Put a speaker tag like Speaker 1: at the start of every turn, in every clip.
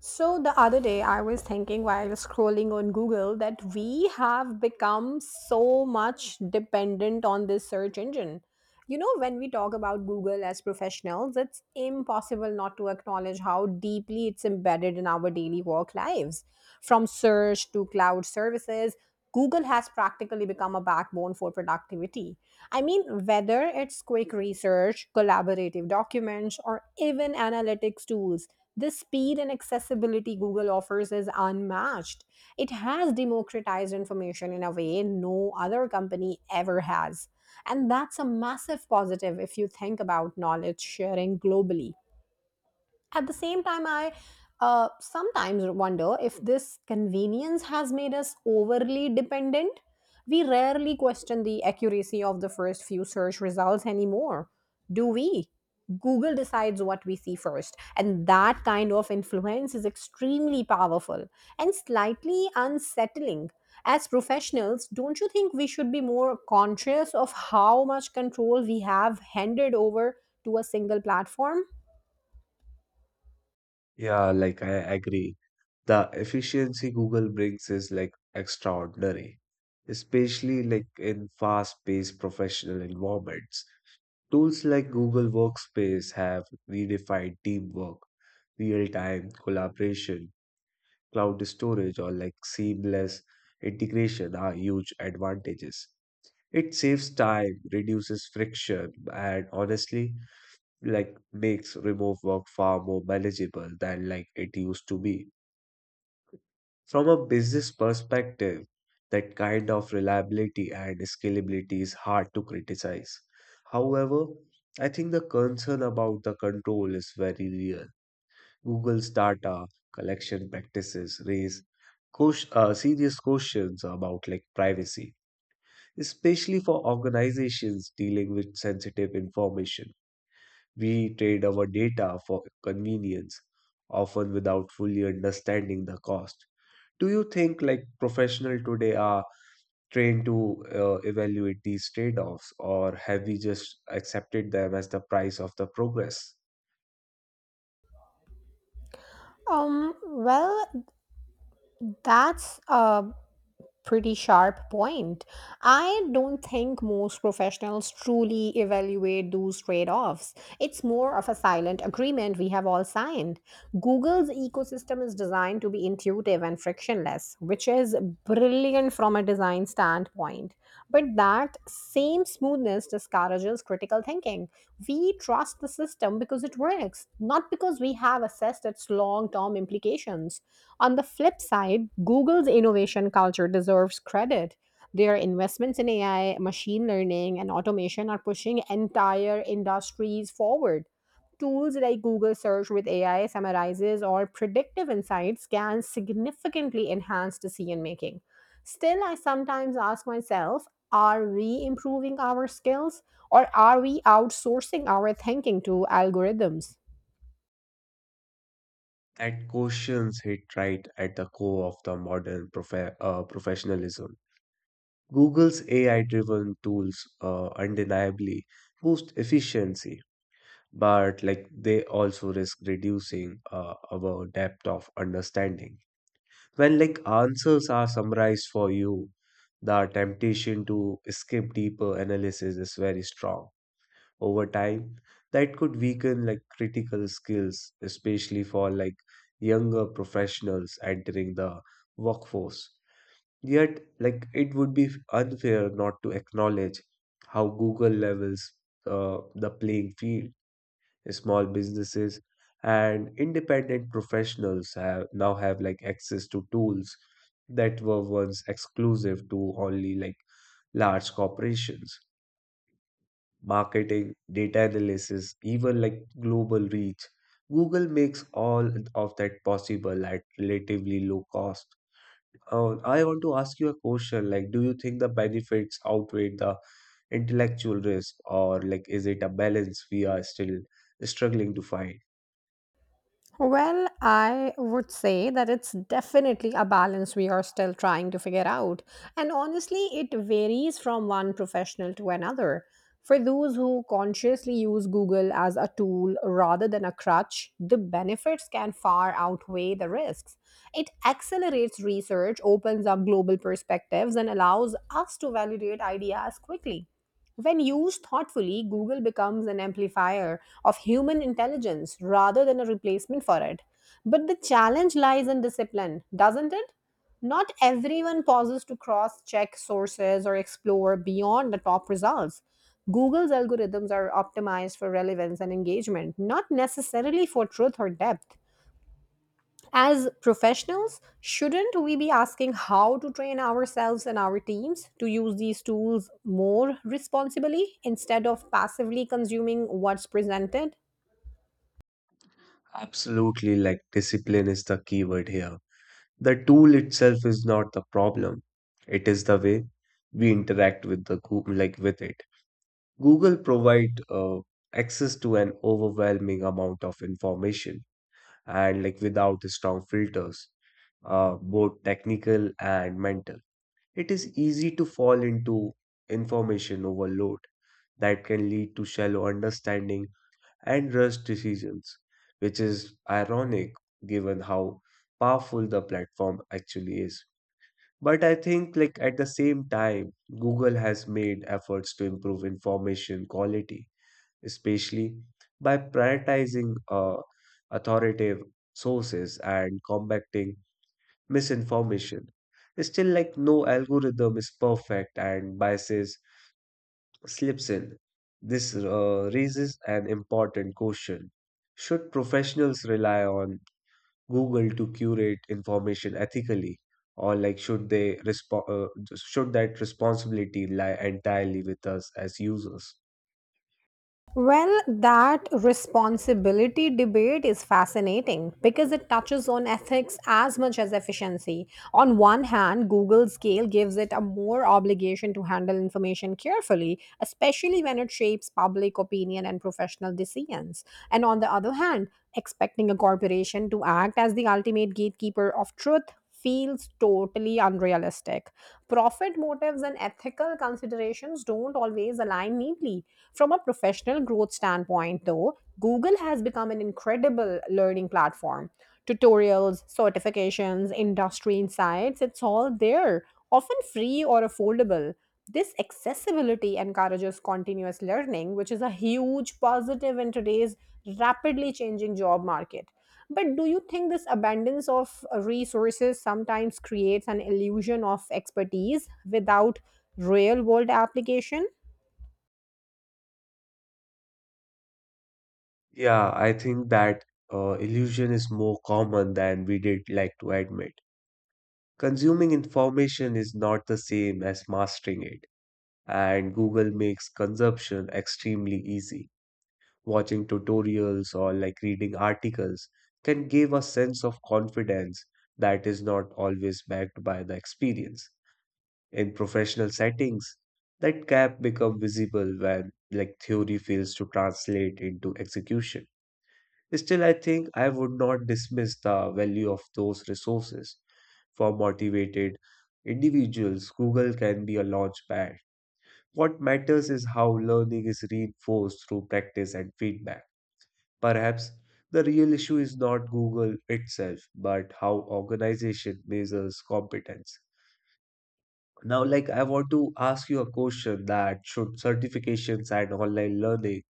Speaker 1: So the other day, I was thinking while scrolling on Google that we have become so much dependent on this search engine. You know, when we talk about Google as professionals, it's impossible not to acknowledge how deeply it's embedded in our daily work lives. From search to cloud services, Google has practically become a backbone for productivity. I mean, whether it's quick research, collaborative documents, or even analytics tools, the speed and accessibility Google offers is unmatched. It has democratized information in a way no other company ever has. And that's a massive positive if you think about knowledge sharing globally. At the same time, I sometimes wonder if this convenience has made us overly dependent. We rarely question the accuracy of the first few search results anymore, do we? Google decides what we see first, and that kind of influence is extremely powerful and slightly unsettling. As professionals, don't you think we should be more conscious of how much control we have handed over to a single platform?
Speaker 2: Yeah, like I agree. The efficiency Google brings is like extraordinary, especially like in fast-paced professional environments. Tools like Google Workspace have redefined teamwork, real-time collaboration, cloud storage, or like seamless integration are huge advantages. It saves time, reduces friction, and honestly, like makes remote work far more manageable than like it used to be. From a business perspective, that kind of reliability and scalability is hard to criticize. However, I think the concern about the control is very real. Google's data collection practices raise serious questions about like privacy, especially for organizations dealing with sensitive information. We trade our data for convenience, often without fully understanding the cost. Do you think like professionals today are trained to evaluate these trade-offs, or have we just accepted them as the price of the progress?
Speaker 1: Well, that's a pretty sharp point. I don't think most professionals truly evaluate those trade offs. It's more of a silent agreement we have all signed. Google's ecosystem is designed to be intuitive and frictionless, which is brilliant from a design standpoint. But that same smoothness discourages critical thinking. We trust the system because it works, not because we have assessed its long term implications. On the flip side, Google's innovation culture deserves credit. Their investments in AI, machine learning, and automation are pushing entire industries forward. Tools like Google Search with AI summarizes or predictive insights can significantly enhance decision making. Still, I sometimes ask myself, are we improving our skills or are we outsourcing our thinking to algorithms?
Speaker 2: That questions hit right at the core of the modern professionalism. Google's AI-driven tools undeniably boost efficiency, but like they also risk reducing our depth of understanding. When like answers are summarized for you, the temptation to escape deeper analysis is very strong. Over time, that could weaken like critical skills, especially for like younger professionals entering the workforce. Yet, like it would be unfair not to acknowledge how Google levels the playing field small businesses and independent professionals have now have like access to tools that were once exclusive to only like large corporations marketing data analysis even like global reach google makes all of that possible at relatively low cost. I want to ask you a question, like do you think the benefits outweigh the intellectual risk, or like is it a balance we are still struggling to find?
Speaker 1: Well, I would say that it's definitely a balance we are still trying to figure out. And honestly, it varies from one professional to another. For those who consciously use Google as a tool rather than a crutch, the benefits can far outweigh the risks. It accelerates research, opens up global perspectives, and allows us to validate ideas quickly. When used thoughtfully, Google becomes an amplifier of human intelligence rather than a replacement for it. But the challenge lies in discipline, doesn't it? Not everyone pauses to cross check sources or explore beyond the top results. Google's algorithms are optimized for relevance and engagement, not necessarily for truth or depth. As professionals, shouldn't we be asking how to train ourselves and our teams to use these tools more responsibly instead of passively consuming what's presented?
Speaker 2: Absolutely, like discipline is the keyword here. The tool itself is not the problem. It is the way we interact with the Google, like with it. Google provide access to an overwhelming amount of information and like without strong filters, both technical and mental. It is easy to fall into information overload that can lead to shallow understanding and rush decisions, which is ironic given how powerful the platform actually is. But I think, like, at the same time, Google has made efforts to improve information quality, especially by prioritizing authoritative sources and combating misinformation. Still, like, no algorithm is perfect, and biases slips in. This raises an important question. Should professionals rely on Google to curate information ethically, or like should that responsibility lie entirely with us as users?
Speaker 1: Well, that responsibility debate is fascinating because it touches on ethics as much as efficiency. On one hand, Google's scale gives it a more obligation to handle information carefully, especially when it shapes public opinion and professional decisions. And on the other hand, expecting a corporation to act as the ultimate gatekeeper of truth feels totally unrealistic. Profit motives and ethical considerations don't always align neatly. From a professional growth standpoint, though, Google has become an incredible learning platform. Tutorials, certifications, industry insights, it's all there, often free or affordable. This accessibility encourages continuous learning, which is a huge positive in today's rapidly changing job market. But do you think this abundance of resources sometimes creates an illusion of expertise without real world application?
Speaker 2: Yeah, I think that illusion is more common than we did like to admit. Consuming information is not the same as mastering it, and Google makes consumption extremely easy. Watching tutorials or like reading articles can give a sense of confidence that is not always backed by the experience. In professional settings, that gap becomes visible when like theory fails to translate into execution. Still, I think I would not dismiss the value of those resources. For motivated individuals, Google can be a launchpad. What matters is how learning is reinforced through practice and feedback. Perhaps the real issue is not Google itself, but how organization measures competence. Now, like I want to ask you a question, that should certifications and online learning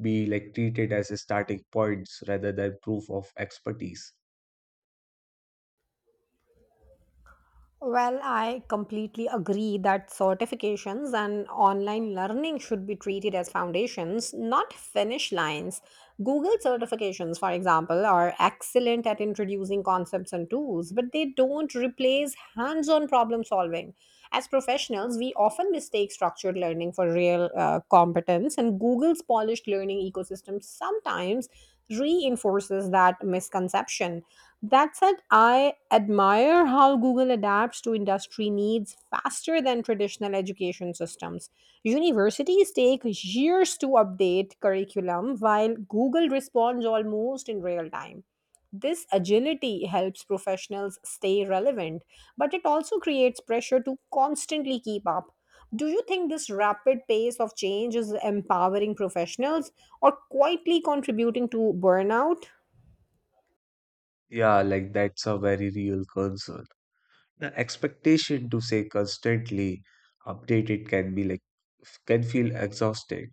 Speaker 2: be like treated as starting points rather than proof of expertise?
Speaker 1: Well, I completely agree that certifications and online learning should be treated as foundations, not finish lines. Google certifications, for example, are excellent at introducing concepts and tools, but they don't replace hands on problem solving. As professionals, we often mistake structured learning for real competence, and Google's polished learning ecosystem sometimes reinforces that misconception. That said, I admire how Google adapts to industry needs faster than traditional education systems. Universities take years to update curriculum, while Google responds almost in real time. This agility helps professionals stay relevant, but it also creates pressure to constantly keep up. Do you think this rapid pace of change is empowering professionals or quietly contributing to burnout?
Speaker 2: Yeah, like that's a very real concern. The expectation to say constantly updated can be like can feel exhausting,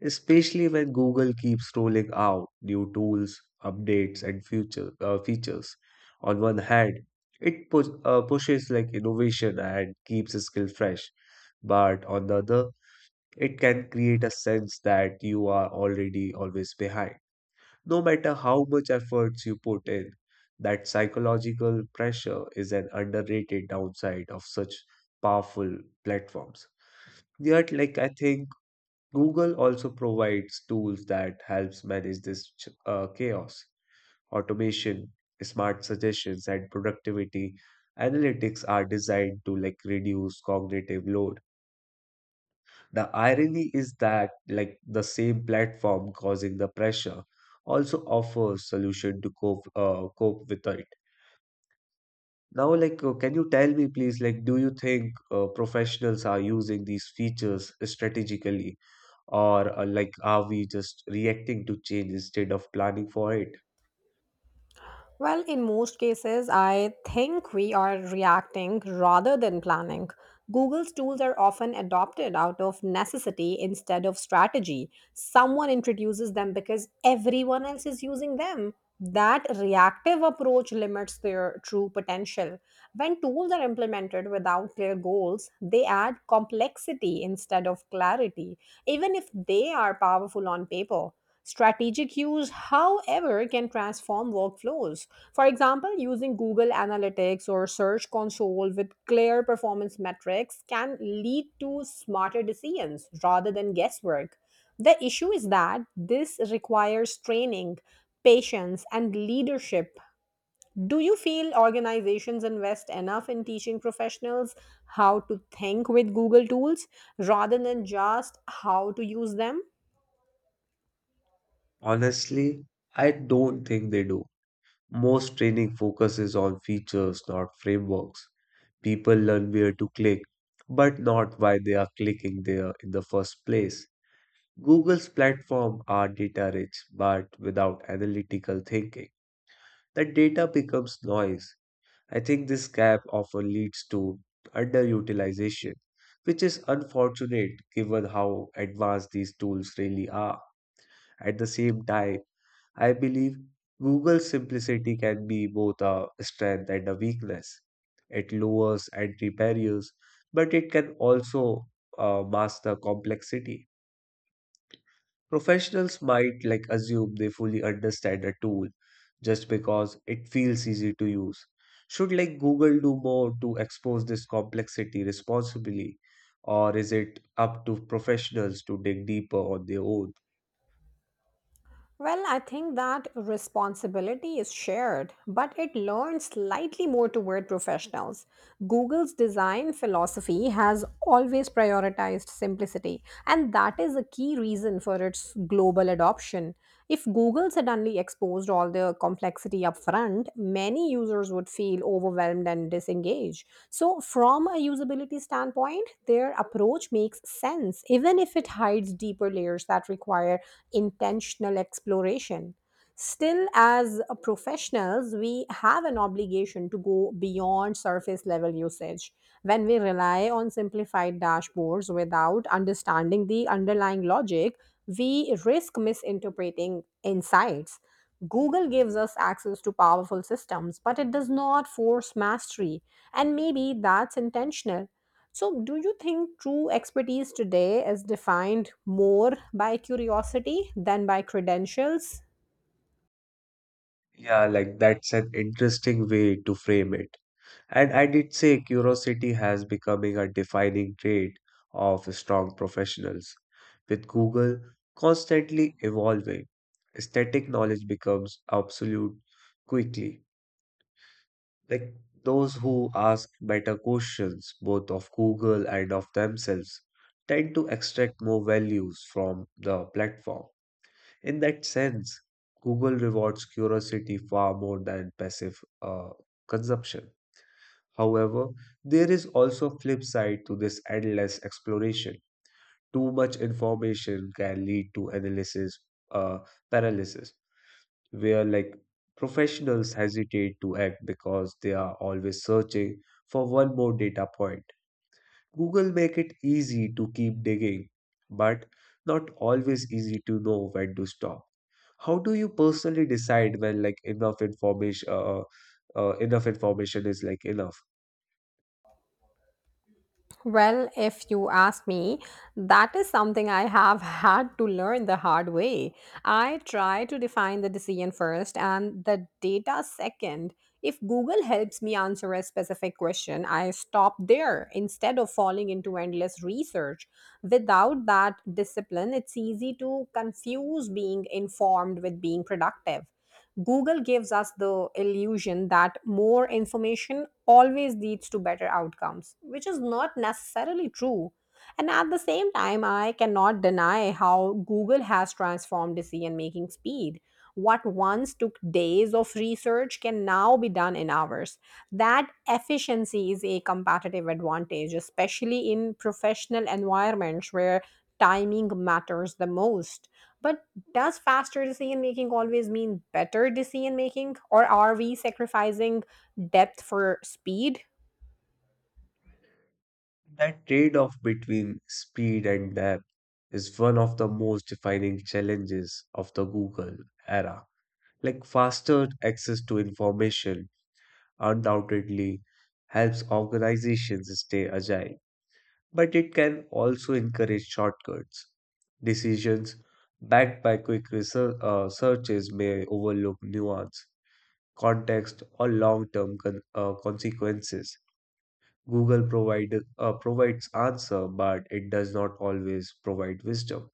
Speaker 2: especially when Google keeps rolling out new tools, updates, and future features. On one hand, it pushes like innovation and keeps the skill fresh, but on the other, it can create a sense that you are already always behind. No matter how much efforts you put in, that psychological pressure is an underrated downside of such powerful platforms. Yet, like I think Google also provides tools that helps manage this chaos. Automation, smart suggestions, and productivity analytics are designed to like reduce cognitive load. The irony is that like the same platform causing the pressure also offers solution to cope with it. Now, like, can you tell me, please, like, do you think professionals are using these features strategically? Or like are we just reacting to change instead of planning for it?
Speaker 1: Well, in most cases, I think we are reacting rather than planning. Google's tools are often adopted out of necessity instead of strategy. Someone introduces them because everyone else is using them. That reactive approach limits their true potential. When tools are implemented without clear goals, they add complexity instead of clarity, even if they are powerful on paper. Strategic use, however, can transform workflows. For example, using Google Analytics or Search Console with clear performance metrics can lead to smarter decisions rather than guesswork. The issue is that this requires training, patience, and leadership. Do you feel organizations invest enough in teaching professionals how to think with Google tools rather than just how to use them?
Speaker 2: Honestly, I don't think they do. Most training focuses on features, not frameworks. People learn where to click but not why they are clicking there in the first place. Google's platform are data rich, but without analytical thinking the data becomes noise. I think this gap often leads to underutilization, which is unfortunate given how advanced these tools really are. At the same time, I believe Google's simplicity can be both a strength and a weakness. It lowers entry barriers, but it can also mask the complexity. Professionals might like assume they fully understand a tool just because it feels easy to use. Should like Google do more to expose this complexity responsibly, or is it up to professionals to dig deeper on their own?
Speaker 1: Well, I think that responsibility is shared, but it learns slightly more toward professionals. Google's design philosophy has always prioritized simplicity, and that is a key reason for its global adoption. If Google suddenly exposed all the complexity up front, many users would feel overwhelmed and disengaged. So, from a usability standpoint, their approach makes sense, even if it hides deeper layers that require intentional exploration. Still, as professionals, we have an obligation to go beyond surface level usage. When we rely on simplified dashboards without understanding the underlying logic, we risk misinterpreting insights. Google gives us access to powerful systems, but it does not force mastery. And maybe that's intentional. So, do you think true expertise today is defined more by curiosity than by credentials?
Speaker 2: Yeah, like that's an interesting way to frame it. And I did say curiosity has becoming a defining trait of strong professionals. With Google constantly evolving, static knowledge becomes obsolete quickly. Like those who ask better questions, both of Google and of themselves, tend to extract more values from the platform. In that sense, Google rewards curiosity far more than passive uh, consumption. However, there is also a flip side to this endless exploration. Too much information can lead to analysis uh, paralysis, where like professionals hesitate to act because they are always searching for one more data point. Google make it easy to keep digging, but not always easy to know when to stop. How do you personally decide when like enough information is like enough?
Speaker 1: Well, if you ask me, that is something I have had to learn the hard way. I try to define the decision first and the data second. If Google helps me answer a specific question, I stop there instead of falling into endless research. Without that discipline, it's easy to confuse being informed with being productive. Google gives us the illusion that more information always leads to better outcomes, which is not necessarily true. And at the same time, I cannot deny how Google has transformed decision making speed. What once took days of research can now be done in hours. That efficiency is a competitive advantage, especially in professional environments where timing matters the most. But does faster decision making always mean better decision making, or are we sacrificing depth for speed?
Speaker 2: That trade off between speed and depth is one of the most defining challenges of the Google era. Like faster access to information undoubtedly helps organizations stay agile, but it can also encourage shortcuts. Decisions backed by quick searches may overlook nuance, context, or long term consequences. Google provided provides answer, but it does not always provide wisdom.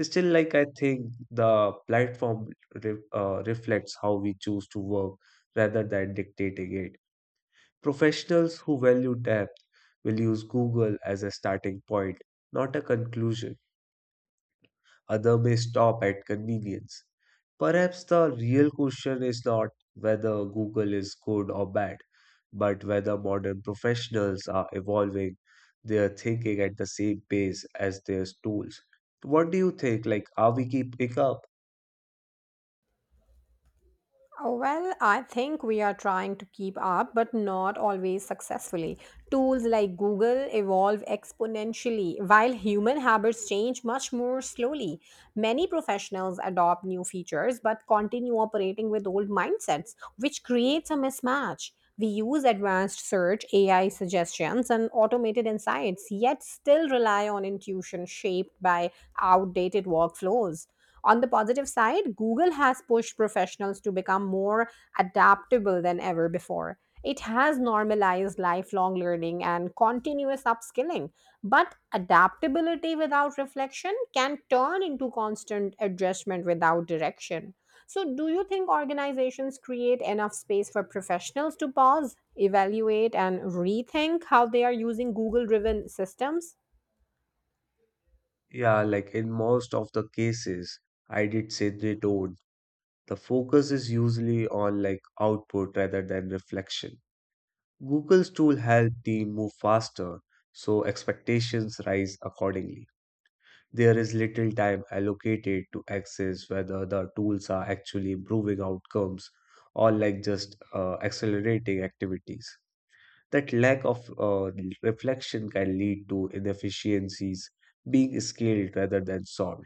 Speaker 2: Still, like I think the platform reflects how we choose to work rather than dictating it. Professionals who value depth will use Google as a starting point, not a conclusion. Other may stop at convenience. Perhaps the real question is not whether Google is good or bad, but whether modern professionals are evolving their thinking at the same pace as their tools. What do you think? Like, are we keeping up?
Speaker 1: Oh, well, I think we are trying to keep up, but not always successfully. Tools like Google evolve exponentially, while human habits change much more slowly. Many professionals adopt new features but continue operating with old mindsets, which creates a mismatch. We use advanced search, AI suggestions, and automated insights, yet still rely on intuition shaped by outdated workflows. On the positive side, Google has pushed professionals to become more adaptable than ever before. It has normalized lifelong learning and continuous upskilling. But adaptability without reflection can turn into constant adjustment without direction. So, do you think organizations create enough space for professionals to pause, evaluate, and rethink how they are using Google driven systems?
Speaker 2: Yeah, like in most of the cases, I did say they don't. The focus is usually on like output rather than reflection. Google's tool helped the move faster, so expectations rise accordingly. There is little time allocated to assess whether the tools are actually improving outcomes, or like just accelerating activities. That lack of reflection can lead to inefficiencies being scaled rather than solved.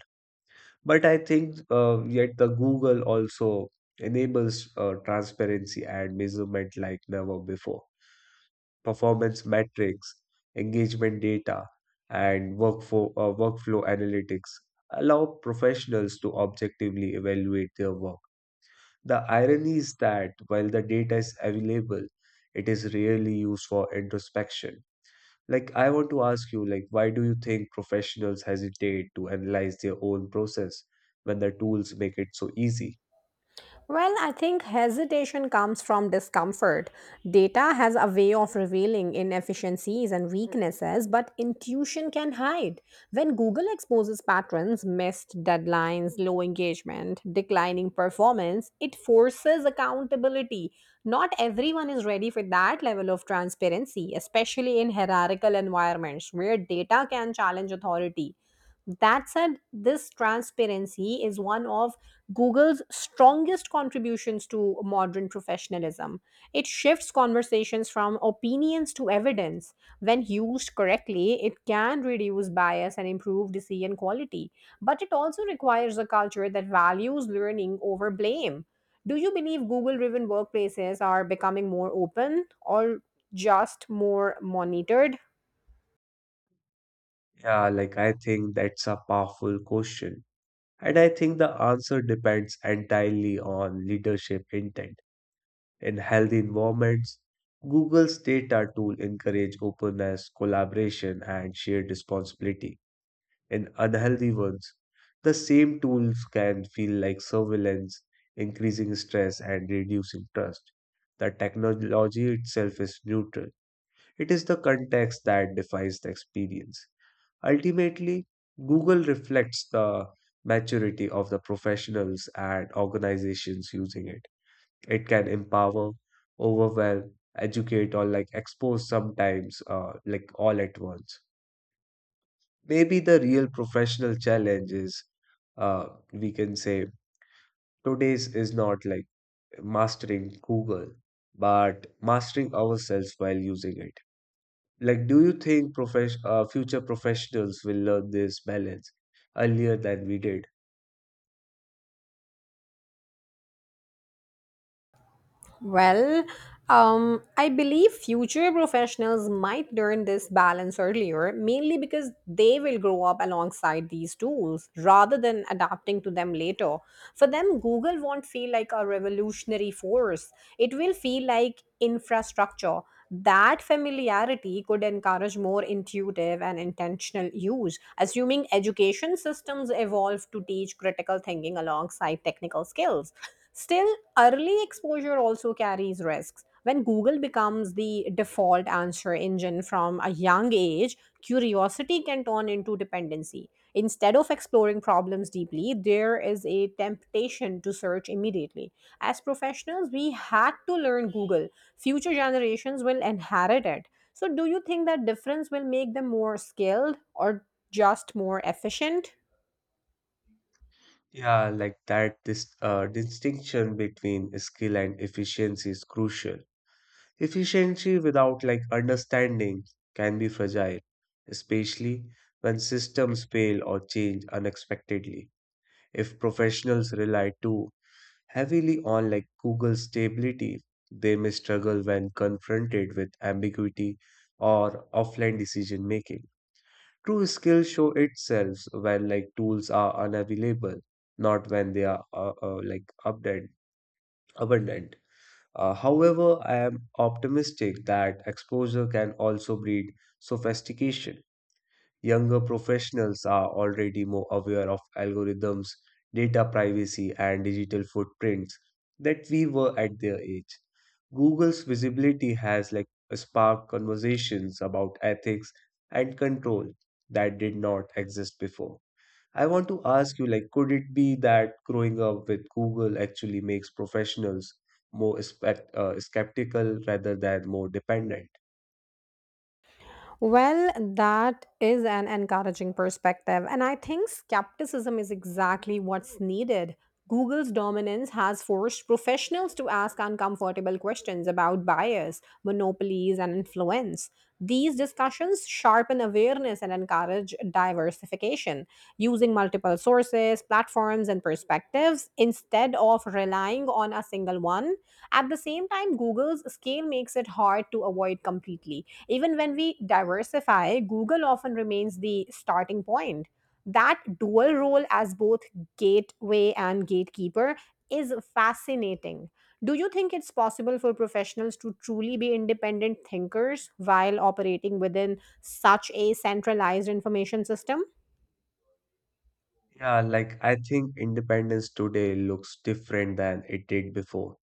Speaker 2: But I think yet the Google also enables transparency and measurement like never before: performance metrics, engagement data, and workflow analytics allow professionals to objectively evaluate their work. The irony is that while the data is available, it is rarely used for introspection. Like I want to ask you, like why do you think professionals hesitate to analyze their own process when the tools make it so easy?
Speaker 1: Well, I think hesitation comes from discomfort. Data has a way of revealing inefficiencies and weaknesses, but intuition can hide. When Google exposes patterns, missed deadlines, low engagement, declining performance, it forces accountability. Not everyone is ready for that level of transparency, especially in hierarchical environments where data can challenge authority. That said, this transparency is one of Google's strongest contributions to modern professionalism. It shifts conversations from opinions to evidence. When used correctly, it can reduce bias and improve decision quality. But it also requires a culture that values learning over blame. Do you believe Google driven workplaces are becoming more open or just more monitored?
Speaker 2: Yeah, like I think that's a powerful question. And I think the answer depends entirely on leadership intent. In healthy environments, Google's data tool encourage openness, collaboration, and shared responsibility. In unhealthy ones, the same tools can feel like surveillance, increasing stress and reducing trust. The technology itself is neutral. It is the context that defines the experience. Ultimately, Google reflects the maturity of the professionals and organizations using it. It can empower, overwhelm, educate, or like expose sometimes, like all at once. Maybe the real professional challenge is, uh, we can say, today's is not like mastering Google, but mastering ourselves while using it. Like, do you think future professionals will learn this balance earlier than we did?
Speaker 1: Well, I believe future professionals might learn this balance earlier, mainly because they will grow up alongside these tools rather than adapting to them later. For them, Google won't feel like a revolutionary force, it will feel like infrastructure. That familiarity could encourage more intuitive and intentional use, assuming education systems evolve to teach critical thinking alongside technical skills. Still, early exposure also carries risks. When Google becomes the default answer engine from a young age, curiosity can turn into dependency. Instead of exploring problems deeply, there is a temptation to search immediately. As professionals, we had to learn Google. Future generations will inherit it. So, do you think that difference will make them more skilled or just more efficient?
Speaker 2: Yeah, like that this distinction between skill and efficiency is crucial. Efficiency without like understanding can be fragile, especially when systems fail or change unexpectedly. If professionals rely too heavily on like Google stability, they may struggle when confronted with ambiguity or offline decision making. True skill show itself when like tools are unavailable, not when they are like abundant. However, I am optimistic that exposure can also breed sophistication. Younger professionals are already more aware of algorithms, data privacy, and digital footprints that we were at their age. Google's visibility has like sparked conversations about ethics and control that did not exist before. I want to ask you, like could it be that growing up with Google actually makes professionals more skeptical rather than more dependent?
Speaker 1: Well, that is an encouraging perspective. And I think skepticism is exactly what's needed. Google's dominance has forced professionals to ask uncomfortable questions about bias, monopolies, and influence. These discussions sharpen awareness and encourage diversification, using multiple sources, platforms, and perspectives instead of relying on a single one. At the same time, Google's scale makes it hard to avoid completely. Even when we diversify, Google often remains the starting point. That dual role as both gateway and gatekeeper is fascinating. Do you think it's possible for professionals to truly be independent thinkers while operating within such a centralized information system?
Speaker 2: Yeah, like I think independence today looks different than it did before.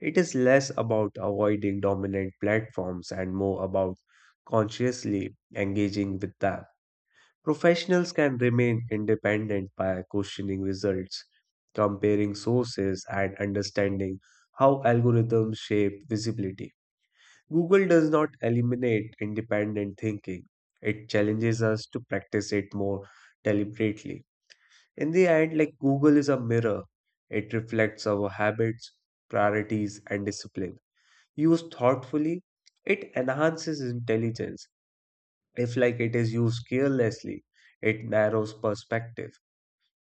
Speaker 2: It is less about avoiding dominant platforms and more about consciously engaging with them. Professionals can remain independent by questioning results, comparing sources, and understanding how algorithms shape visibility. Google does not eliminate independent thinking, it challenges us to practice it more deliberately. In the end, like Google is a mirror, it reflects our habits, priorities, and discipline. Used thoughtfully, it enhances intelligence. If like it is used carelessly, it narrows perspective.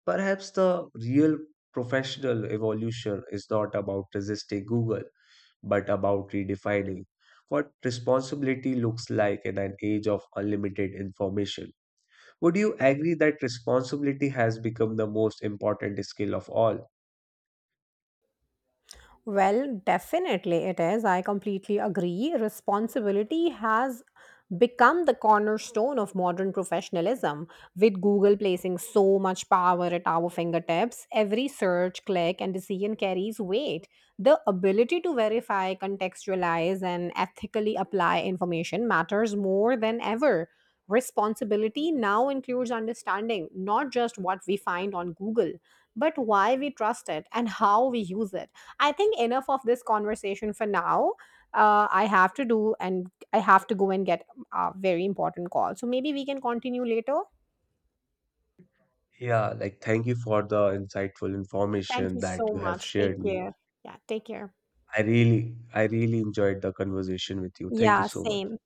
Speaker 2: Perhaps the real professional evolution is not about resisting Google, but about redefining what responsibility looks like in an age of unlimited information. Would you agree that responsibility has become the most important skill of all?
Speaker 1: Well, definitely it is. I completely agree. Responsibility has become the cornerstone of modern professionalism, with Google placing so much power at our fingertips. Every search, click, and decision carries weight. The ability to verify, contextualize, and ethically apply information matters more than ever. Responsibility now includes understanding not just what we find on Google, but why we trust it and how we use it. I think enough of this conversation for now. I have to do, and I have to go and get a very important call. So maybe we can continue later.
Speaker 2: Yeah, like thank you for the insightful
Speaker 1: Thank
Speaker 2: information
Speaker 1: you
Speaker 2: that
Speaker 1: so
Speaker 2: you have
Speaker 1: much. Take
Speaker 2: shared me.
Speaker 1: care. Yeah, take care.
Speaker 2: I really enjoyed the conversation with you. Thank you
Speaker 1: Yeah,
Speaker 2: so much.
Speaker 1: same.